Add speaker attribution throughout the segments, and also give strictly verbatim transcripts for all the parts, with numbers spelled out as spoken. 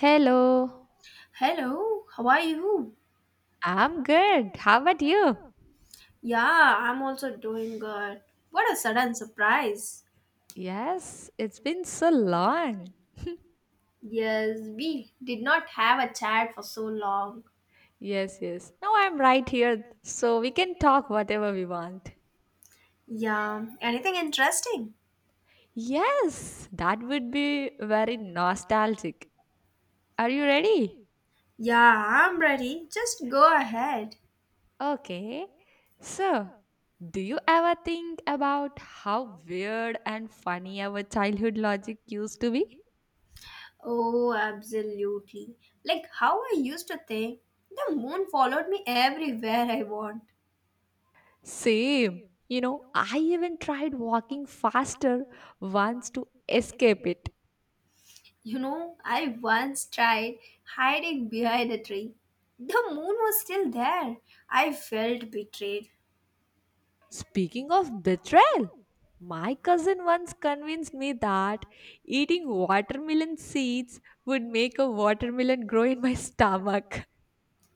Speaker 1: Hello,
Speaker 2: Hello, how are you?
Speaker 1: I'm good. How about you?
Speaker 2: Yeah, I'm also doing good. What a sudden surprise.
Speaker 1: Yes, it's been so long.
Speaker 2: Yes, we did not have a chat for so long.
Speaker 1: Yes, yes. Now I'm right here, so we can talk whatever we want.
Speaker 2: Yeah, anything interesting?
Speaker 1: Yes, that would be very nostalgic. Are you ready?
Speaker 2: Yeah, I'm ready. Just go ahead.
Speaker 1: Okay. So, do you ever think about how weird and funny our childhood logic used to be?
Speaker 2: Oh, absolutely. Like how I used to think the moon followed me everywhere I want.
Speaker 1: Same. You know, I even tried walking faster once to escape it.
Speaker 2: You know, I once tried hiding behind a tree. The moon was still there. I felt betrayed.
Speaker 1: Speaking of betrayal, my cousin once convinced me that eating watermelon seeds would make a watermelon grow in my stomach.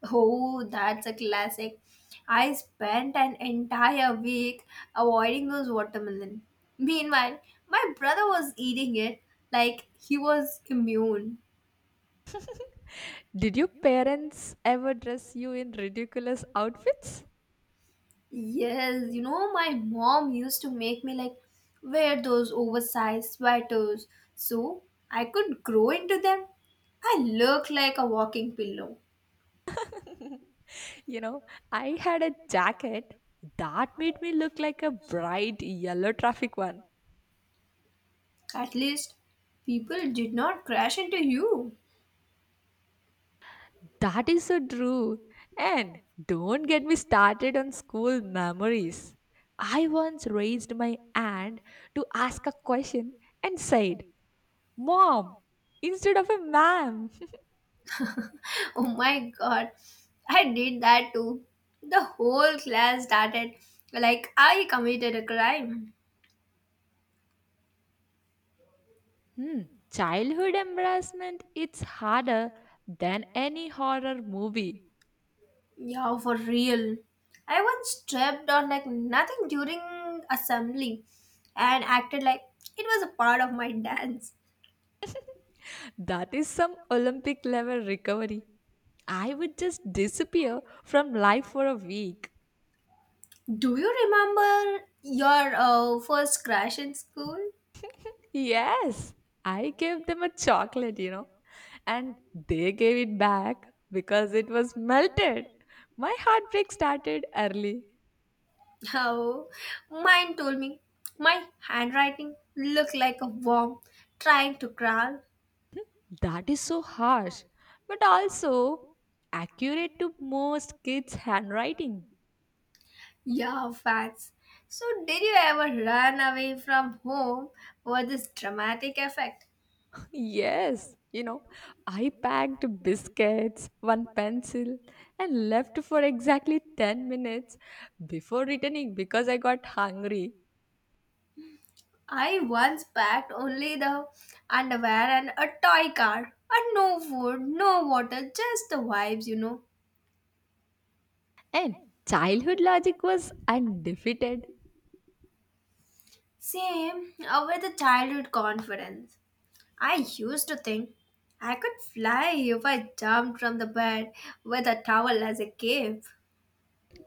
Speaker 2: Oh, that's a classic. I spent an entire week avoiding those watermelon. Meanwhile, my brother was eating it like he was immune.
Speaker 1: Did your parents ever dress you in ridiculous outfits?
Speaker 2: Yes, you know, my mom used to make me like wear those oversized sweaters so I could grow into them. I look like a walking pillow.
Speaker 1: You know, I had a jacket that made me look like a bright yellow traffic one.
Speaker 2: At least people did not crash into you.
Speaker 1: That is so true. And don't get me started on school memories. I once raised my hand to ask a question and said, Mom, instead of a ma'am.
Speaker 2: Oh my god, I did that too. The whole class started like I committed a crime.
Speaker 1: Hmm, Childhood embarrassment it's harder than any horror movie.
Speaker 2: Yeah, for real. I once stepped on like nothing during assembly and acted like it was a part of my dance.
Speaker 1: That is some Olympic level recovery. I would just disappear from life for a week.
Speaker 2: Do you remember your uh, first crash in school?
Speaker 1: Yes, I gave them a chocolate, you know, and they gave it back because it was melted. My heartbreak started early.
Speaker 2: Oh, mine told me my handwriting looked like a worm trying to crawl.
Speaker 1: That is so harsh, but also accurate to most kids' handwriting.
Speaker 2: Yeah, facts. So, did you ever run away from home for this dramatic effect?
Speaker 1: Yes, you know, I packed biscuits, one pencil, and left for exactly ten minutes before returning because I got hungry.
Speaker 2: I once packed only the underwear and a toy car, and no food, no water, just the vibes, you know.
Speaker 1: And childhood logic was undefeated.
Speaker 2: Same uh, with the childhood confidence. I used to think I could fly if I jumped from the bed with a towel as a cape.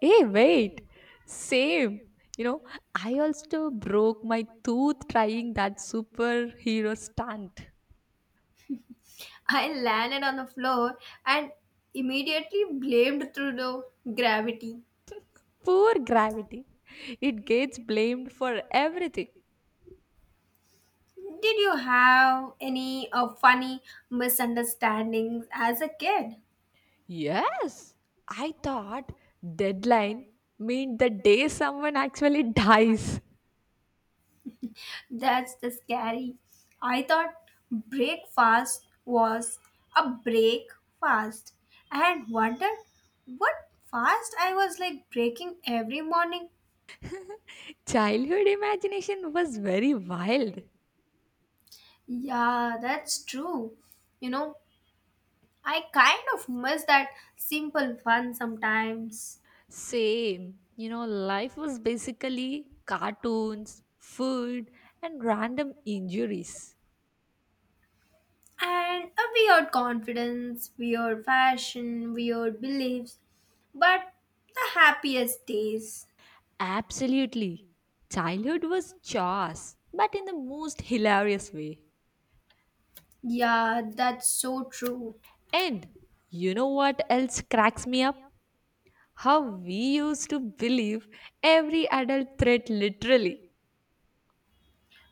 Speaker 1: Hey, wait. Same. You know, I also broke my tooth trying that superhero stunt.
Speaker 2: I landed on the floor and immediately blamed through the gravity.
Speaker 1: Poor gravity. It gets blamed for everything.
Speaker 2: Did you have any uh, funny misunderstandings as a kid?
Speaker 1: Yes, I thought deadline meant the day someone actually dies.
Speaker 2: That's the scary. I thought breakfast was a break fast and wondered what fast I was like breaking every morning.
Speaker 1: Childhood imagination was very wild.
Speaker 2: Yeah, that's true. You know, I kind of miss that simple fun sometimes.
Speaker 1: Same. You know, life was basically cartoons, food, and random injuries.
Speaker 2: And a weird confidence, weird fashion, weird beliefs, but the happiest days.
Speaker 1: Absolutely. Childhood was chaos, but in the most hilarious way.
Speaker 2: Yeah, that's so true.
Speaker 1: And you know what else cracks me up? How we used to believe every adult threat literally.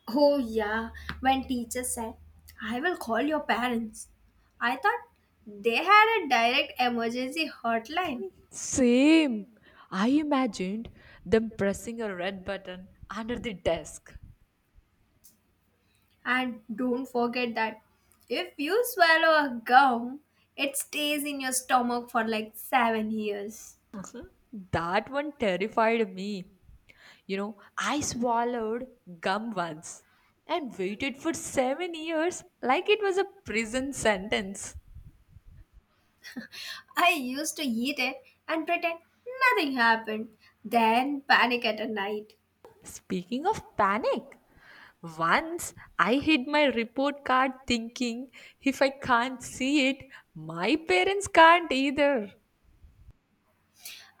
Speaker 2: Oh, yeah, when teacher said, I will call your parents, I thought they had a direct emergency hotline.
Speaker 1: Same. I imagined them pressing a red button under the desk.
Speaker 2: And don't forget that if you swallow a gum, it stays in your stomach for like seven years.
Speaker 1: That one terrified me. You know, I swallowed gum once and waited for seven years like it was a prison sentence.
Speaker 2: I used to eat it and pretend nothing happened, then panic at a night.
Speaker 1: Speaking of panic, once I hid my report card thinking if I can't see it, my parents can't either.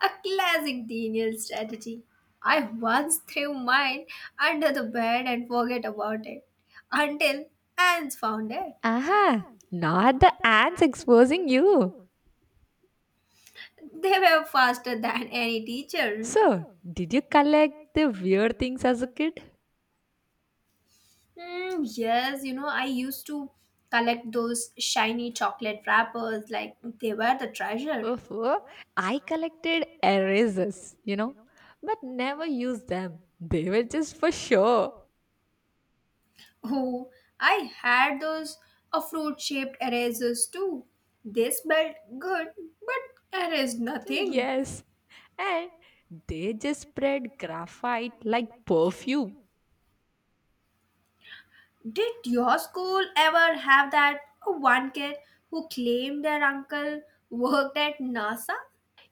Speaker 2: A classic Daniel strategy. I once threw mine under the bed and forget about it until ants found it.
Speaker 1: Aha, not the ants exposing you.
Speaker 2: They were faster than any teacher.
Speaker 1: So, did you collect the weird things as a kid?
Speaker 2: Hmm, yes, you know, I used to collect those shiny chocolate wrappers like they were the treasure.
Speaker 1: Oof, I collected erasers, you know, but never used them. They were just for show.
Speaker 2: Oh, I had those uh, fruit shaped erasers too. They smelled good but erased nothing.
Speaker 1: Yes. And they just spread graphite like perfume.
Speaker 2: Did your school ever have that one kid who claimed their uncle worked at NASA?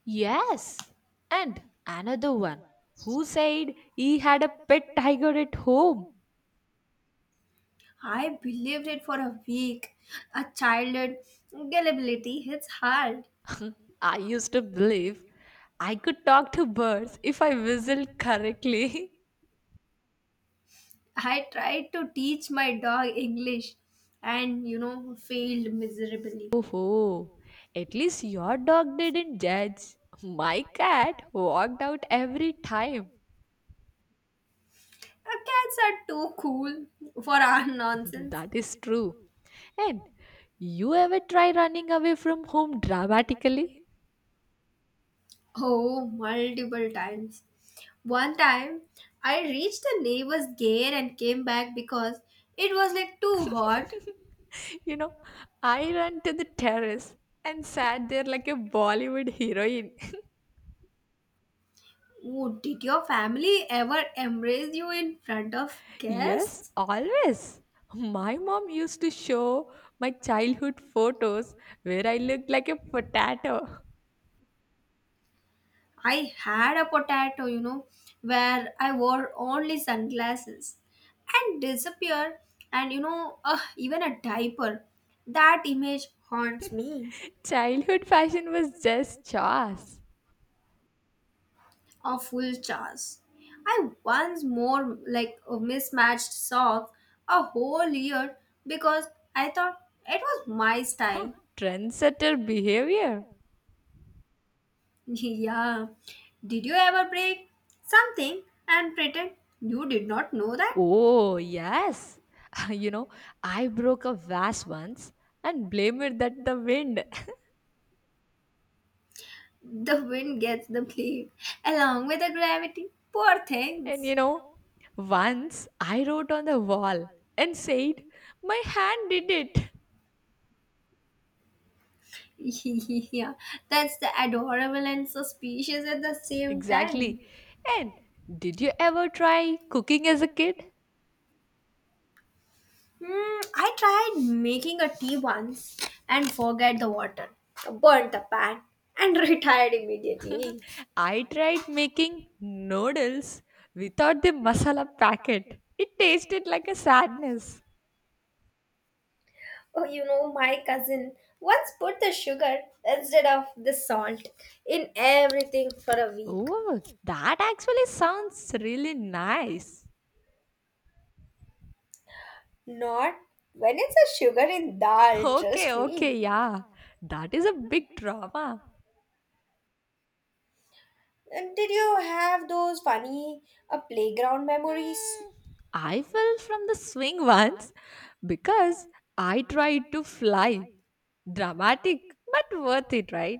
Speaker 1: Yes. And another one who said he had a pet tiger at home.
Speaker 2: I believed it for a week. A childhood gullibility hits hard.
Speaker 1: I used to believe I could talk to birds if I whistled correctly.
Speaker 2: I tried to teach my dog English and, you know, failed miserably.
Speaker 1: Oh, at least your dog didn't judge. My cat walked out every time.
Speaker 2: Uh, Cats are too cool for our nonsense.
Speaker 1: That is true. And you ever try running away from home dramatically?
Speaker 2: Oh, multiple times. One time, I reached the neighbor's gate and came back because it was like too hot.
Speaker 1: You know, I ran to the terrace and sat there like a Bollywood heroine.
Speaker 2: Oh, did your family ever embrace you in front of
Speaker 1: Yes,
Speaker 2: guests?
Speaker 1: always. My mom used to show my childhood photos where I looked like a potato.
Speaker 2: I had a potato, you know, where I wore only sunglasses and disappeared, and you know, uh, even a diaper. That image haunts me.
Speaker 1: Childhood fashion was just chaos.
Speaker 2: Of full jars. I once more like a mismatched sock a whole year because I thought it was my
Speaker 1: Huh,
Speaker 2: style.
Speaker 1: trendsetter behavior.
Speaker 2: Yeah. Did you ever break something and pretend you did not know that?
Speaker 1: Oh, yes. You know, I broke a vase once and blamed that the wind.
Speaker 2: The wind gets the blame along with the gravity. Poor
Speaker 1: and you
Speaker 2: things.
Speaker 1: know, once I wrote on the wall and said, My hand did it.
Speaker 2: Yeah, that's the adorable and suspicious at the same time.
Speaker 1: Exactly. And did you ever try cooking as a kid?
Speaker 2: Hmm, I tried making a tea once and forget the water, burnt the pan, and retired immediately.
Speaker 1: I tried making noodles without the masala packet. It tasted like a sadness.
Speaker 2: Oh, you know, my cousin once put the sugar instead of the salt in everything for a week.
Speaker 1: Oh, that actually sounds really nice.
Speaker 2: Not when it's a sugar in dal,
Speaker 1: Okay,
Speaker 2: trust me.
Speaker 1: okay, yeah. That is a big trauma.
Speaker 2: And did you have those funny uh, playground memories?
Speaker 1: I fell from the swing once because I tried to fly. Dramatic, but worth it, right?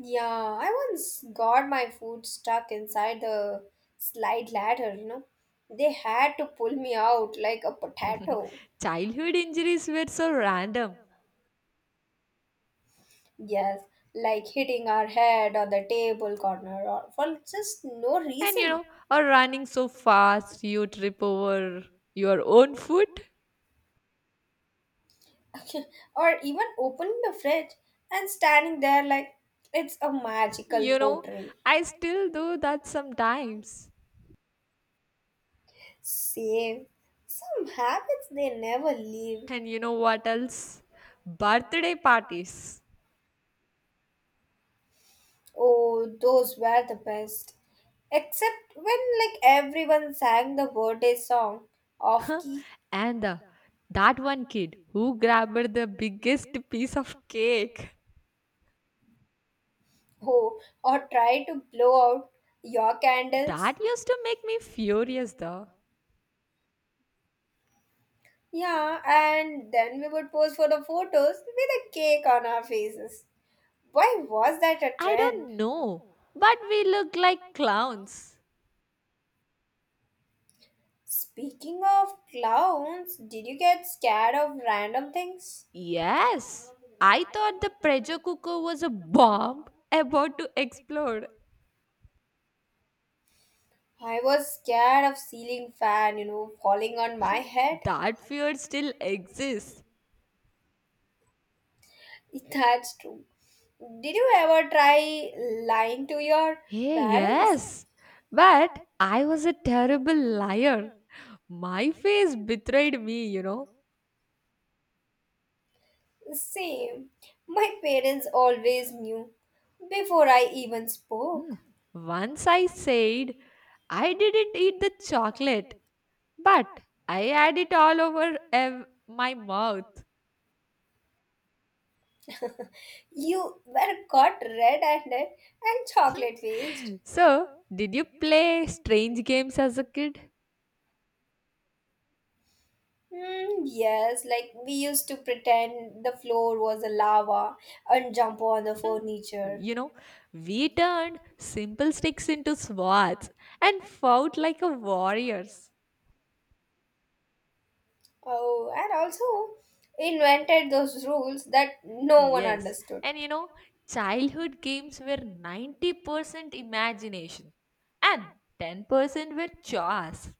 Speaker 2: Yeah, I once got my food stuck inside the slide ladder, you know. They had to pull me out like a potato.
Speaker 1: Childhood injuries were so random.
Speaker 2: Yes, like hitting our head on the table corner or for just no
Speaker 1: And you
Speaker 2: reason.
Speaker 1: know, or running so fast you trip over your own foot.
Speaker 2: Or even opening the fridge and standing there like it's a magical
Speaker 1: You know,
Speaker 2: portrait.
Speaker 1: I still do that sometimes.
Speaker 2: Same. Some habits they never leave.
Speaker 1: And you know what else? Birthday parties.
Speaker 2: Oh, those were the best. Except when like everyone sang the birthday song off
Speaker 1: Huh?
Speaker 2: key,
Speaker 1: And uh, that one kid who grabbed the biggest piece of cake.
Speaker 2: oh, or tried to blow out your candles.
Speaker 1: That used to make me furious though.
Speaker 2: Yeah, and then we would pose for the photos with a cake on our faces. Why was that a
Speaker 1: I
Speaker 2: trend?
Speaker 1: don't know, but we look like clowns.
Speaker 2: Speaking of clowns, did you get scared of random things?
Speaker 1: Yes, I thought the pressure cooker was a bomb about to explode.
Speaker 2: I was scared of ceiling fan, you know, falling on my head.
Speaker 1: That fear still exists.
Speaker 2: That's true. Did you ever try lying to your
Speaker 1: Hey,
Speaker 2: parents?
Speaker 1: yes, but I was a terrible liar. My face betrayed me, you know.
Speaker 2: Same. My parents always knew before I even
Speaker 1: Hmm.
Speaker 2: spoke.
Speaker 1: Once I said I didn't eat the chocolate, but I had it all over ev- my mouth.
Speaker 2: You were caught red-handed and chocolate-faced.
Speaker 1: So, did you play strange games as a kid?
Speaker 2: Hmm, yes, like we used to pretend the floor was a lava and jump on the
Speaker 1: Hmm.
Speaker 2: furniture.
Speaker 1: You know, we turned simple sticks into swords and fought like a warriors.
Speaker 2: Oh, and also invented those rules that no one
Speaker 1: Yes,
Speaker 2: understood.
Speaker 1: and you know, childhood games were ninety percent imagination and ten percent were chores.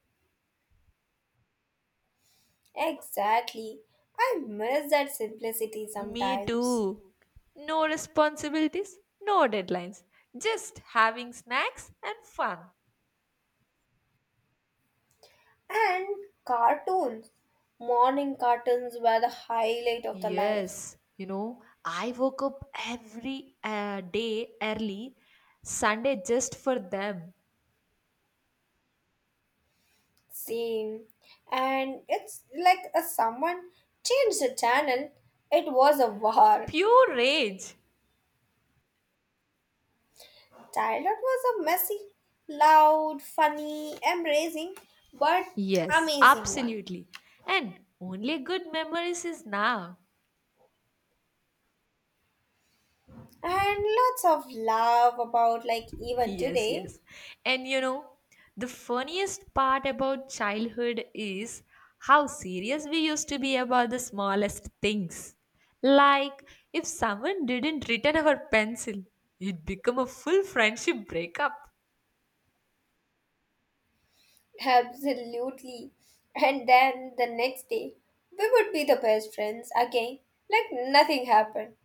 Speaker 2: Exactly. I miss that simplicity
Speaker 1: Me
Speaker 2: sometimes.
Speaker 1: too. No responsibilities, no deadlines, just having snacks and fun.
Speaker 2: And cartoons. Morning cartoons were the highlight of the life.
Speaker 1: Yes, you know, I woke up every uh, day early, Sunday just for them.
Speaker 2: Same. And it's like a someone changed the channel. It was a war.
Speaker 1: Pure rage.
Speaker 2: Childhood was a messy, loud, funny, embracing, but
Speaker 1: Yes,
Speaker 2: amazing one.
Speaker 1: absolutely. And only good memories is now.
Speaker 2: And lots of love about like even
Speaker 1: Yes,
Speaker 2: today.
Speaker 1: yes. And you know, the funniest part about childhood is how serious we used to be about the smallest things. Like if someone didn't return our pencil, it'd become a full friendship breakup.
Speaker 2: Absolutely. And then the next day, we would be the best friends again, like nothing happened.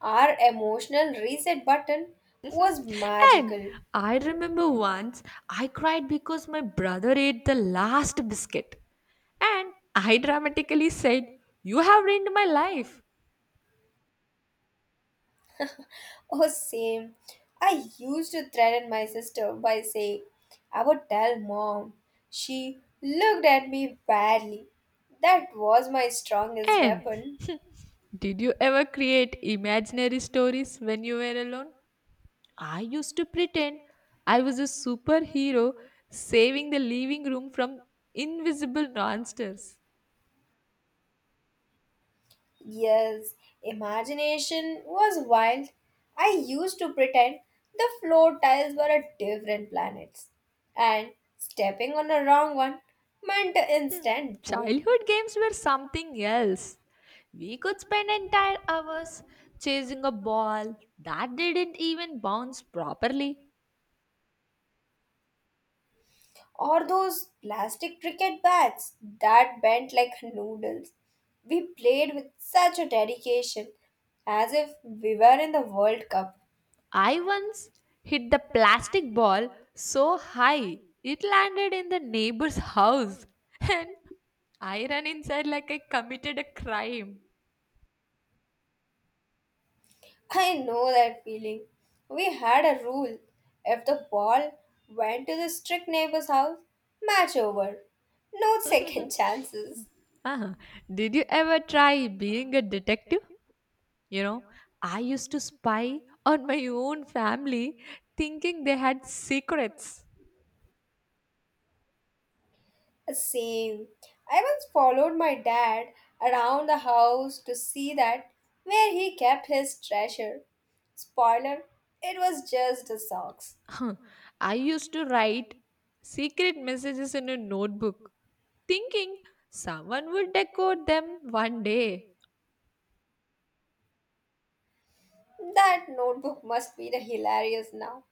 Speaker 2: Our emotional reset button was
Speaker 1: And
Speaker 2: magical.
Speaker 1: I remember once I cried because my brother ate the last biscuit. And I dramatically said, You have ruined my life.
Speaker 2: Oh, same. I used to threaten my sister by saying, I would tell mom. She looked at me badly. That was my strongest
Speaker 1: And
Speaker 2: weapon.
Speaker 1: did you ever create imaginary stories when you were alone? I used to pretend I was a superhero saving the living room from invisible monsters.
Speaker 2: Yes, imagination was wild. I used to pretend the floor tiles were a different planets, and stepping on a wrong one meant an
Speaker 1: Hmm,
Speaker 2: instant boom.
Speaker 1: Childhood games were something else. We could spend entire hours chasing a ball that didn't even bounce properly.
Speaker 2: Or those plastic cricket bats that bent like noodles. We played with such a dedication as if we were in the World Cup.
Speaker 1: I once hit the plastic ball so high it landed in the neighbor's house. And I ran inside like I committed a crime.
Speaker 2: I know that feeling. We had a rule. If the ball went to the strict neighbor's house, match over. No second chances.
Speaker 1: Uh-huh. Did you ever try being a detective? You know, I used to spy on my own family thinking they had secrets.
Speaker 2: Same. I once followed my dad around the house to see that where he kept his treasure. Spoiler, it was just the socks.
Speaker 1: Huh. I used to write secret messages in a notebook thinking someone would decode them one day.
Speaker 2: That notebook must be the hilarious now.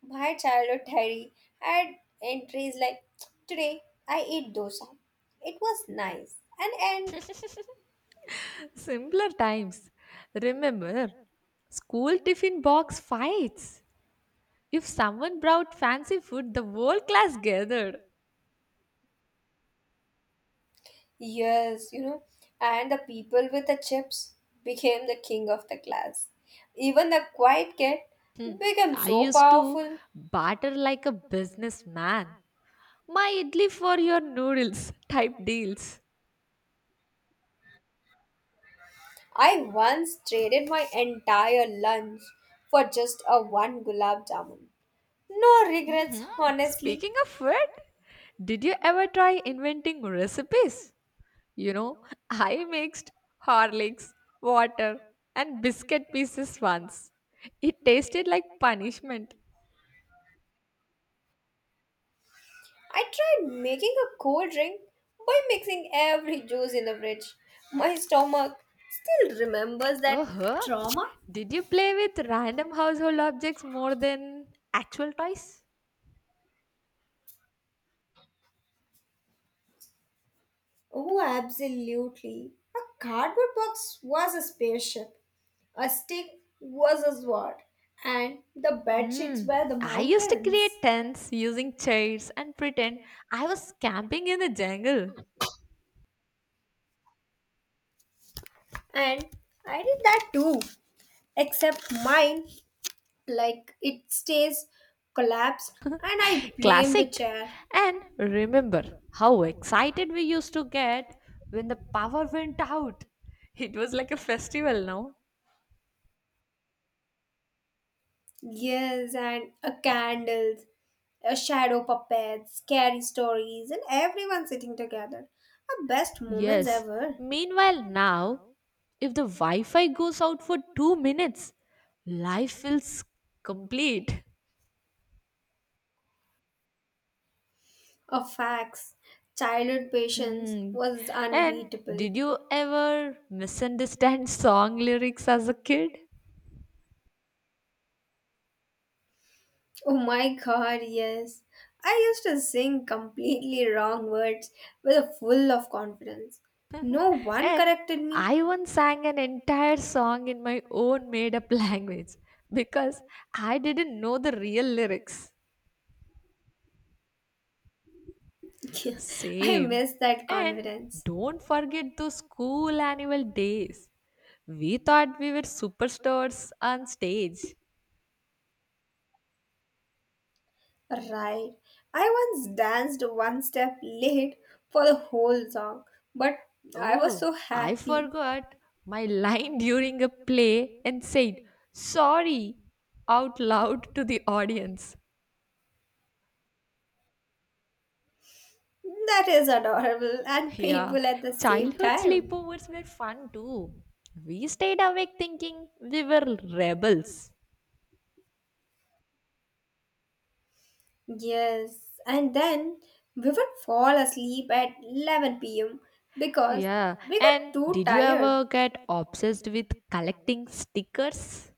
Speaker 2: My childhood diary had entries like today I ate dosa. It was nice. And and
Speaker 1: Simpler times. Remember, school tiffin box fights. If someone brought fancy food, the whole class gathered.
Speaker 2: yes, you know, and the people with the chips became the king of the class. Even the quiet kid
Speaker 1: Hmm,
Speaker 2: became
Speaker 1: I
Speaker 2: so
Speaker 1: used to
Speaker 2: powerful.
Speaker 1: barter like a businessman. My idli for your noodles type deals.
Speaker 2: I once traded my entire lunch for just a one gulab jamun. No regrets,
Speaker 1: Mhm.
Speaker 2: honestly.
Speaker 1: Speaking of food, did you ever try inventing recipes? You know, I mixed Horlicks, water, and biscuit pieces once. It tasted like punishment.
Speaker 2: I tried making a cold drink by mixing every juice in the fridge. My stomach still remembers that
Speaker 1: Uh-huh.
Speaker 2: trauma.
Speaker 1: Did you play with random household objects more than actual toys?
Speaker 2: Oh, absolutely. A cardboard box was a spaceship, a stick was a sword, and the bed
Speaker 1: Hmm.
Speaker 2: sheets were the
Speaker 1: I used to
Speaker 2: mountains.
Speaker 1: create tents using chairs and pretend I was camping in the jungle.
Speaker 2: And I did that too, except mine, like it stays collapsed, and I blame the
Speaker 1: Classic.
Speaker 2: chair.
Speaker 1: And remember how excited we used to get when the power went out. It was like a festival now.
Speaker 2: Yes, and a candles, a shadow puppets, scary stories, and everyone sitting together. Our best moments
Speaker 1: Yes.
Speaker 2: ever.
Speaker 1: Meanwhile, now, if the Wi Fi goes out for two minutes, life feels complete.
Speaker 2: A fax. Childhood patience
Speaker 1: Hmm.
Speaker 2: was
Speaker 1: And
Speaker 2: unbeatable.
Speaker 1: did you ever misunderstand song lyrics as a kid?
Speaker 2: Oh my god, yes. I used to sing completely wrong words with a full of confidence. No one
Speaker 1: And
Speaker 2: corrected me.
Speaker 1: I once sang an entire song in my own made up language because I didn't know the real lyrics.
Speaker 2: I
Speaker 1: Same.
Speaker 2: miss that
Speaker 1: And
Speaker 2: confidence.
Speaker 1: don't forget those school annual days. We thought we were superstars on stage.
Speaker 2: Right. I once danced one step late for the whole song, but I was
Speaker 1: Oh,
Speaker 2: so
Speaker 1: I
Speaker 2: happy.
Speaker 1: forgot my line during a play and said sorry out loud to the audience.
Speaker 2: That is adorable and
Speaker 1: Yeah,
Speaker 2: painful at the same
Speaker 1: childhood
Speaker 2: time.
Speaker 1: sleepovers were fun too. We stayed awake thinking we were rebels.
Speaker 2: Yes, and then we would fall asleep at eleven p m because
Speaker 1: Yeah,
Speaker 2: we got
Speaker 1: and
Speaker 2: too
Speaker 1: did you
Speaker 2: tired.
Speaker 1: ever get obsessed with collecting stickers?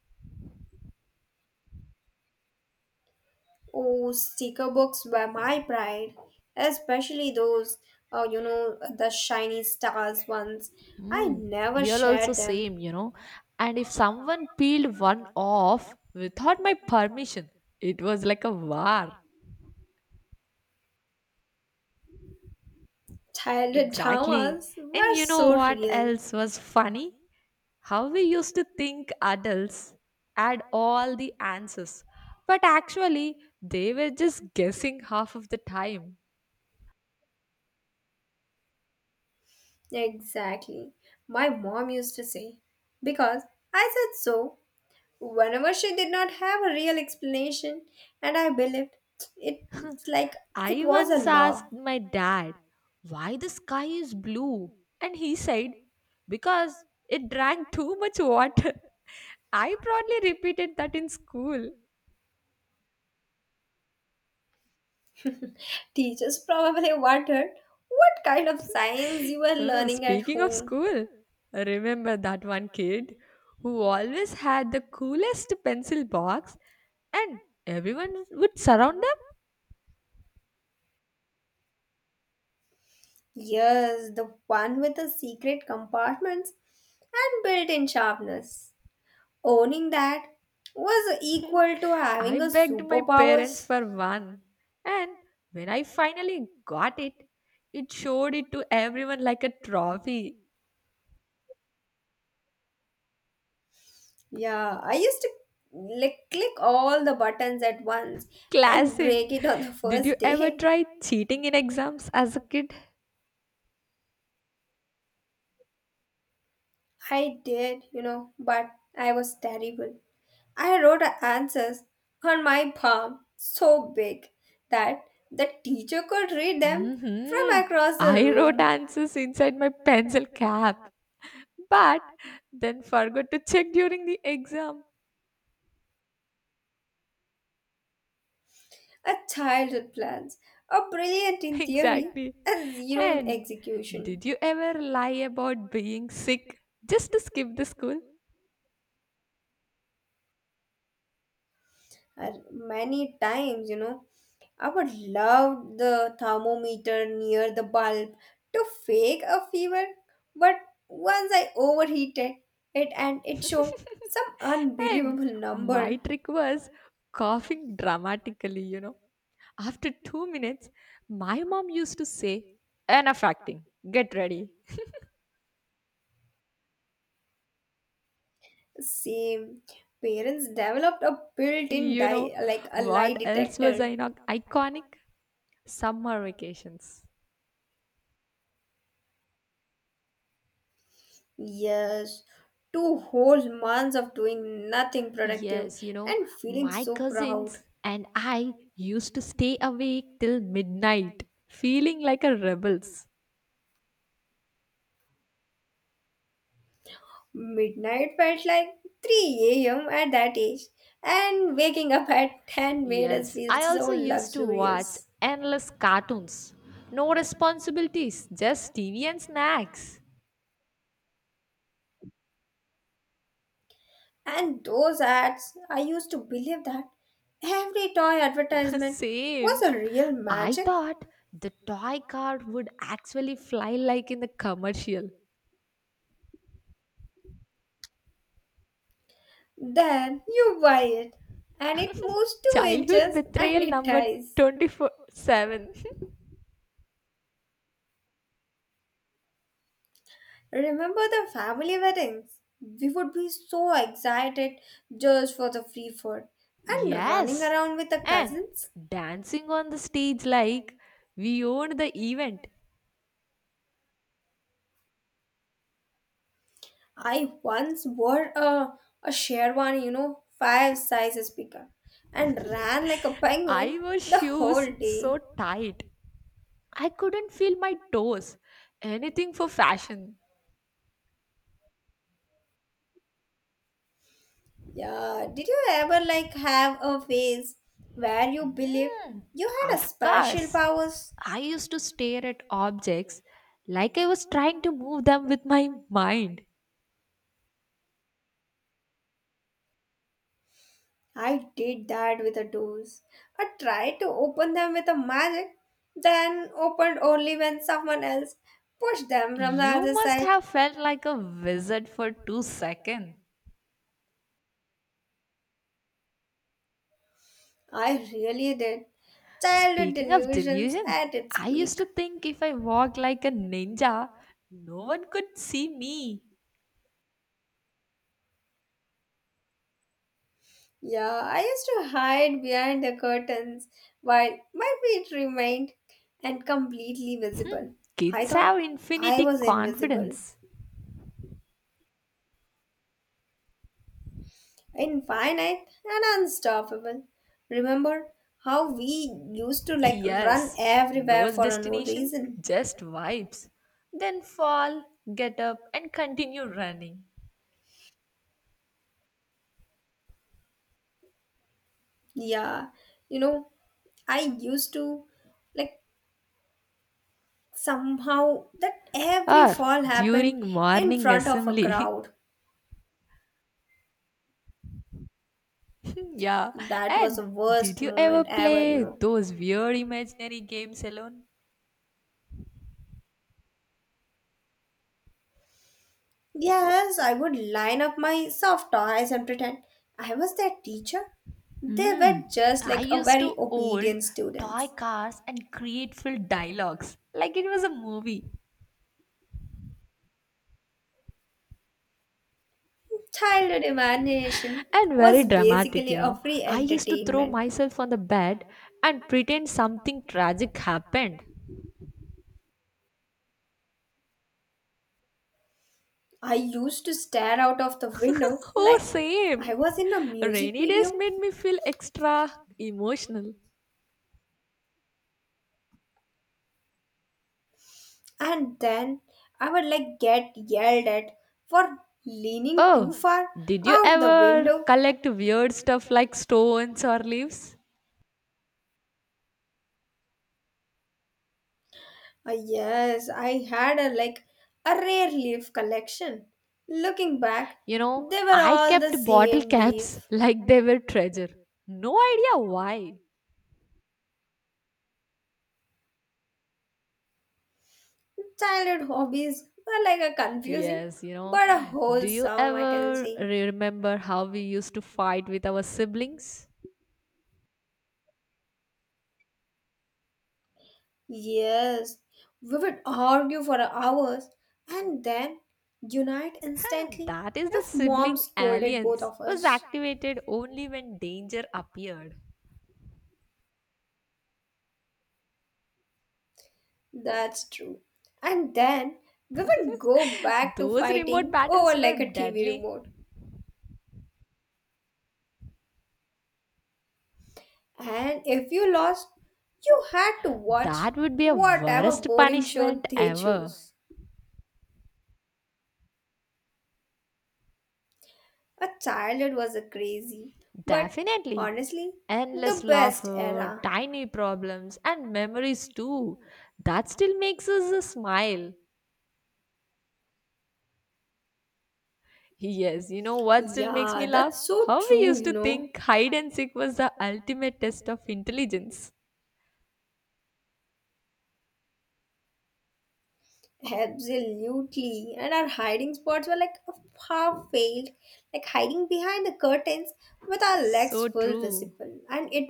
Speaker 2: Oh, sticker books were my pride, especially those, uh, you know, the shiny stars ones. I
Speaker 1: Hmm,
Speaker 2: never
Speaker 1: here also
Speaker 2: shared them.
Speaker 1: same, you know. And if someone peeled one off without my permission, it was like a war.
Speaker 2: Childhood
Speaker 1: Exactly.
Speaker 2: dramas
Speaker 1: And
Speaker 2: were
Speaker 1: you know
Speaker 2: so
Speaker 1: what
Speaker 2: real.
Speaker 1: else was funny? How we used to think adults had all the answers, but actually, they were just guessing half of the time.
Speaker 2: Exactly. My mom used to say, because I said so, whenever she did not have a real explanation, and I believed it. It's like it
Speaker 1: I
Speaker 2: was a
Speaker 1: once
Speaker 2: law.
Speaker 1: asked my dad why the sky is blue, and he said, because it drank too much water. I proudly repeated that in school.
Speaker 2: Teachers probably wondered what kind of science you were
Speaker 1: Mm,
Speaker 2: learning at
Speaker 1: speaking of
Speaker 2: home.
Speaker 1: school, remember that one kid who always had the coolest pencil box and everyone would surround
Speaker 2: Yes, the one with the secret compartments and built in sharpness. Owning that was
Speaker 1: them?
Speaker 2: equal to having
Speaker 1: I
Speaker 2: a
Speaker 1: begged my parents
Speaker 2: superpowers.
Speaker 1: for one, and when I finally got it, it showed it to everyone like a trophy.
Speaker 2: Yeah, I used to like click all the buttons at once and break
Speaker 1: Classic.
Speaker 2: it on the
Speaker 1: Did you
Speaker 2: first
Speaker 1: ever
Speaker 2: day.
Speaker 1: try cheating in exams as a kid?
Speaker 2: I did, you know, but I was terrible. I wrote answers on my palm so big that the teacher could read them
Speaker 1: hmm
Speaker 2: from across the
Speaker 1: I wrote
Speaker 2: room.
Speaker 1: answers inside my pencil cap but then forgot to check during the exam.
Speaker 2: A child with plans, a brilliant in theory,
Speaker 1: Exactly.
Speaker 2: a zero in
Speaker 1: And
Speaker 2: execution.
Speaker 1: did you ever lie about being sick just to skip the school?
Speaker 2: Uh, many times, you know, I would love the thermometer near the bulb to fake a fever, but once I overheated it and it showed some
Speaker 1: And
Speaker 2: unbelievable
Speaker 1: my
Speaker 2: number.
Speaker 1: trick was coughing dramatically, you know. After two minutes, my mom used to say, Enough acting, get ready.
Speaker 2: Same. Parents developed a built-in
Speaker 1: You
Speaker 2: di-
Speaker 1: know,
Speaker 2: like a lie
Speaker 1: what else was
Speaker 2: detector.
Speaker 1: I not iconic? Summer vacations.
Speaker 2: Yes. Two whole months of doing nothing productive
Speaker 1: Yes, you know,
Speaker 2: and feeling
Speaker 1: my
Speaker 2: so proud.
Speaker 1: cousins and I used to stay awake till midnight, feeling like a rebels.
Speaker 2: Midnight felt like three a m at that age, and waking up at ten made us
Speaker 1: Yes,
Speaker 2: feel
Speaker 1: I
Speaker 2: so
Speaker 1: also used to watch
Speaker 2: luxurious.
Speaker 1: endless cartoons. No responsibilities, just T V and snacks.
Speaker 2: And those ads, I used to believe that every toy advertisement
Speaker 1: Same.
Speaker 2: was a real
Speaker 1: I
Speaker 2: magic.
Speaker 1: thought the toy car would actually fly like in the commercial.
Speaker 2: Then you buy it, and it moves two
Speaker 1: Childhood
Speaker 2: inches and
Speaker 1: betrayal
Speaker 2: it
Speaker 1: number
Speaker 2: dies.
Speaker 1: twenty four seven.
Speaker 2: Remember the family weddings? We would be so excited just for the free food and running
Speaker 1: Yes,
Speaker 2: around with the
Speaker 1: and
Speaker 2: cousins.
Speaker 1: dancing on the stage like we owned the event.
Speaker 2: I once wore a, a Sherwani, you know, five sizes bigger, and ran like a penguin
Speaker 1: I wore
Speaker 2: the
Speaker 1: shoes
Speaker 2: whole
Speaker 1: so
Speaker 2: day.
Speaker 1: tight, I couldn't feel my toes. Anything for fashion.
Speaker 2: Yeah, did you ever like have a phase where you believed you had a
Speaker 1: Of
Speaker 2: special
Speaker 1: course,
Speaker 2: powers?
Speaker 1: I used to stare at objects like I was trying to move them with my mind.
Speaker 2: I did that with the doors. I tried to open them with a magic, then opened only when someone else pushed them from the
Speaker 1: You
Speaker 2: other
Speaker 1: must
Speaker 2: side.
Speaker 1: have felt like a wizard for two seconds.
Speaker 2: I really did. Childhood
Speaker 1: Speaking of
Speaker 2: delusions
Speaker 1: delusion,
Speaker 2: at its
Speaker 1: I used
Speaker 2: peak.
Speaker 1: to think if I walked like a ninja, no one could see me.
Speaker 2: Yeah, I used to hide behind the curtains while my feet remained and completely visible. I
Speaker 1: Kids
Speaker 2: thought
Speaker 1: have
Speaker 2: I
Speaker 1: infinity
Speaker 2: was invisible,
Speaker 1: confidence.
Speaker 2: infinite, and unstoppable. Remember how we used to like run
Speaker 1: Yes, no
Speaker 2: everywhere for no
Speaker 1: destination,
Speaker 2: reason?
Speaker 1: just vibes. Then fall, get up, and continue running.
Speaker 2: Yeah, you know, I used to like somehow that every
Speaker 1: Or
Speaker 2: fall happened
Speaker 1: during
Speaker 2: in
Speaker 1: morning
Speaker 2: front of a
Speaker 1: assembly.
Speaker 2: crowd.
Speaker 1: yeah,
Speaker 2: That was
Speaker 1: and
Speaker 2: the
Speaker 1: did
Speaker 2: worst
Speaker 1: you ever
Speaker 2: moment ever, you
Speaker 1: play
Speaker 2: know.
Speaker 1: those weird imaginary games alone?
Speaker 2: Yes, I would line up my soft toys and pretend I was their teacher. They
Speaker 1: Mm.
Speaker 2: were just
Speaker 1: I
Speaker 2: like a
Speaker 1: used
Speaker 2: very
Speaker 1: to old
Speaker 2: obedient
Speaker 1: toy
Speaker 2: students.
Speaker 1: cars and create full dialogues like it was a movie
Speaker 2: Childhood imagination
Speaker 1: and very
Speaker 2: was
Speaker 1: dramatic,
Speaker 2: basically
Speaker 1: you
Speaker 2: a
Speaker 1: know.
Speaker 2: free
Speaker 1: I used to throw
Speaker 2: entertainment.
Speaker 1: myself on the bed and pretend something tragic happened.
Speaker 2: I used to stare out of the window
Speaker 1: oh,
Speaker 2: like
Speaker 1: same.
Speaker 2: I was in a music
Speaker 1: Rainy days
Speaker 2: video
Speaker 1: made me feel extra emotional.
Speaker 2: and then I would like get yelled at for leaning too
Speaker 1: Oh,
Speaker 2: far
Speaker 1: did you
Speaker 2: out the
Speaker 1: ever
Speaker 2: window.
Speaker 1: collect weird stuff like stones or leaves?
Speaker 2: Ah, yes, I had a like a rare leaf collection. Looking back,
Speaker 1: You know,
Speaker 2: they were
Speaker 1: I
Speaker 2: all the
Speaker 1: kept bottle
Speaker 2: same
Speaker 1: caps
Speaker 2: leaf.
Speaker 1: like they were treasure. No idea why.
Speaker 2: Childhood hobbies were like a confusing
Speaker 1: Yes, you know,
Speaker 2: but a
Speaker 1: do you
Speaker 2: wholesome, I can
Speaker 1: ever
Speaker 2: say.
Speaker 1: remember how we used to fight with our siblings?
Speaker 2: Yes, we would argue for hours and then unite
Speaker 1: Huh,
Speaker 2: instantly
Speaker 1: that is the
Speaker 2: if mom
Speaker 1: sibling
Speaker 2: scolded both
Speaker 1: alliance
Speaker 2: of
Speaker 1: was
Speaker 2: us.
Speaker 1: activated only when danger appeared.
Speaker 2: That's true. And then we would go back to
Speaker 1: Those remote
Speaker 2: fighting
Speaker 1: battles
Speaker 2: over
Speaker 1: were
Speaker 2: like a T V
Speaker 1: deadly.
Speaker 2: remote. And if you lost, you had to watch
Speaker 1: That would be a
Speaker 2: whatever
Speaker 1: worst
Speaker 2: boring show
Speaker 1: punishment
Speaker 2: they
Speaker 1: ever.
Speaker 2: choose. A childhood was a crazy, but
Speaker 1: Definitely.
Speaker 2: honestly,
Speaker 1: Endless
Speaker 2: the best
Speaker 1: laughter,
Speaker 2: era.
Speaker 1: tiny problems, and memories too. That still makes us a smile. Yes, you know what still makes me
Speaker 2: Yeah,
Speaker 1: laugh?
Speaker 2: that's so
Speaker 1: How we
Speaker 2: true,
Speaker 1: used
Speaker 2: you
Speaker 1: to
Speaker 2: know.
Speaker 1: think hide and seek was the ultimate test of intelligence.
Speaker 2: Absolutely. And our hiding spots were like half veiled, like hiding behind the curtains with our legs
Speaker 1: So
Speaker 2: full
Speaker 1: true.
Speaker 2: visible. And it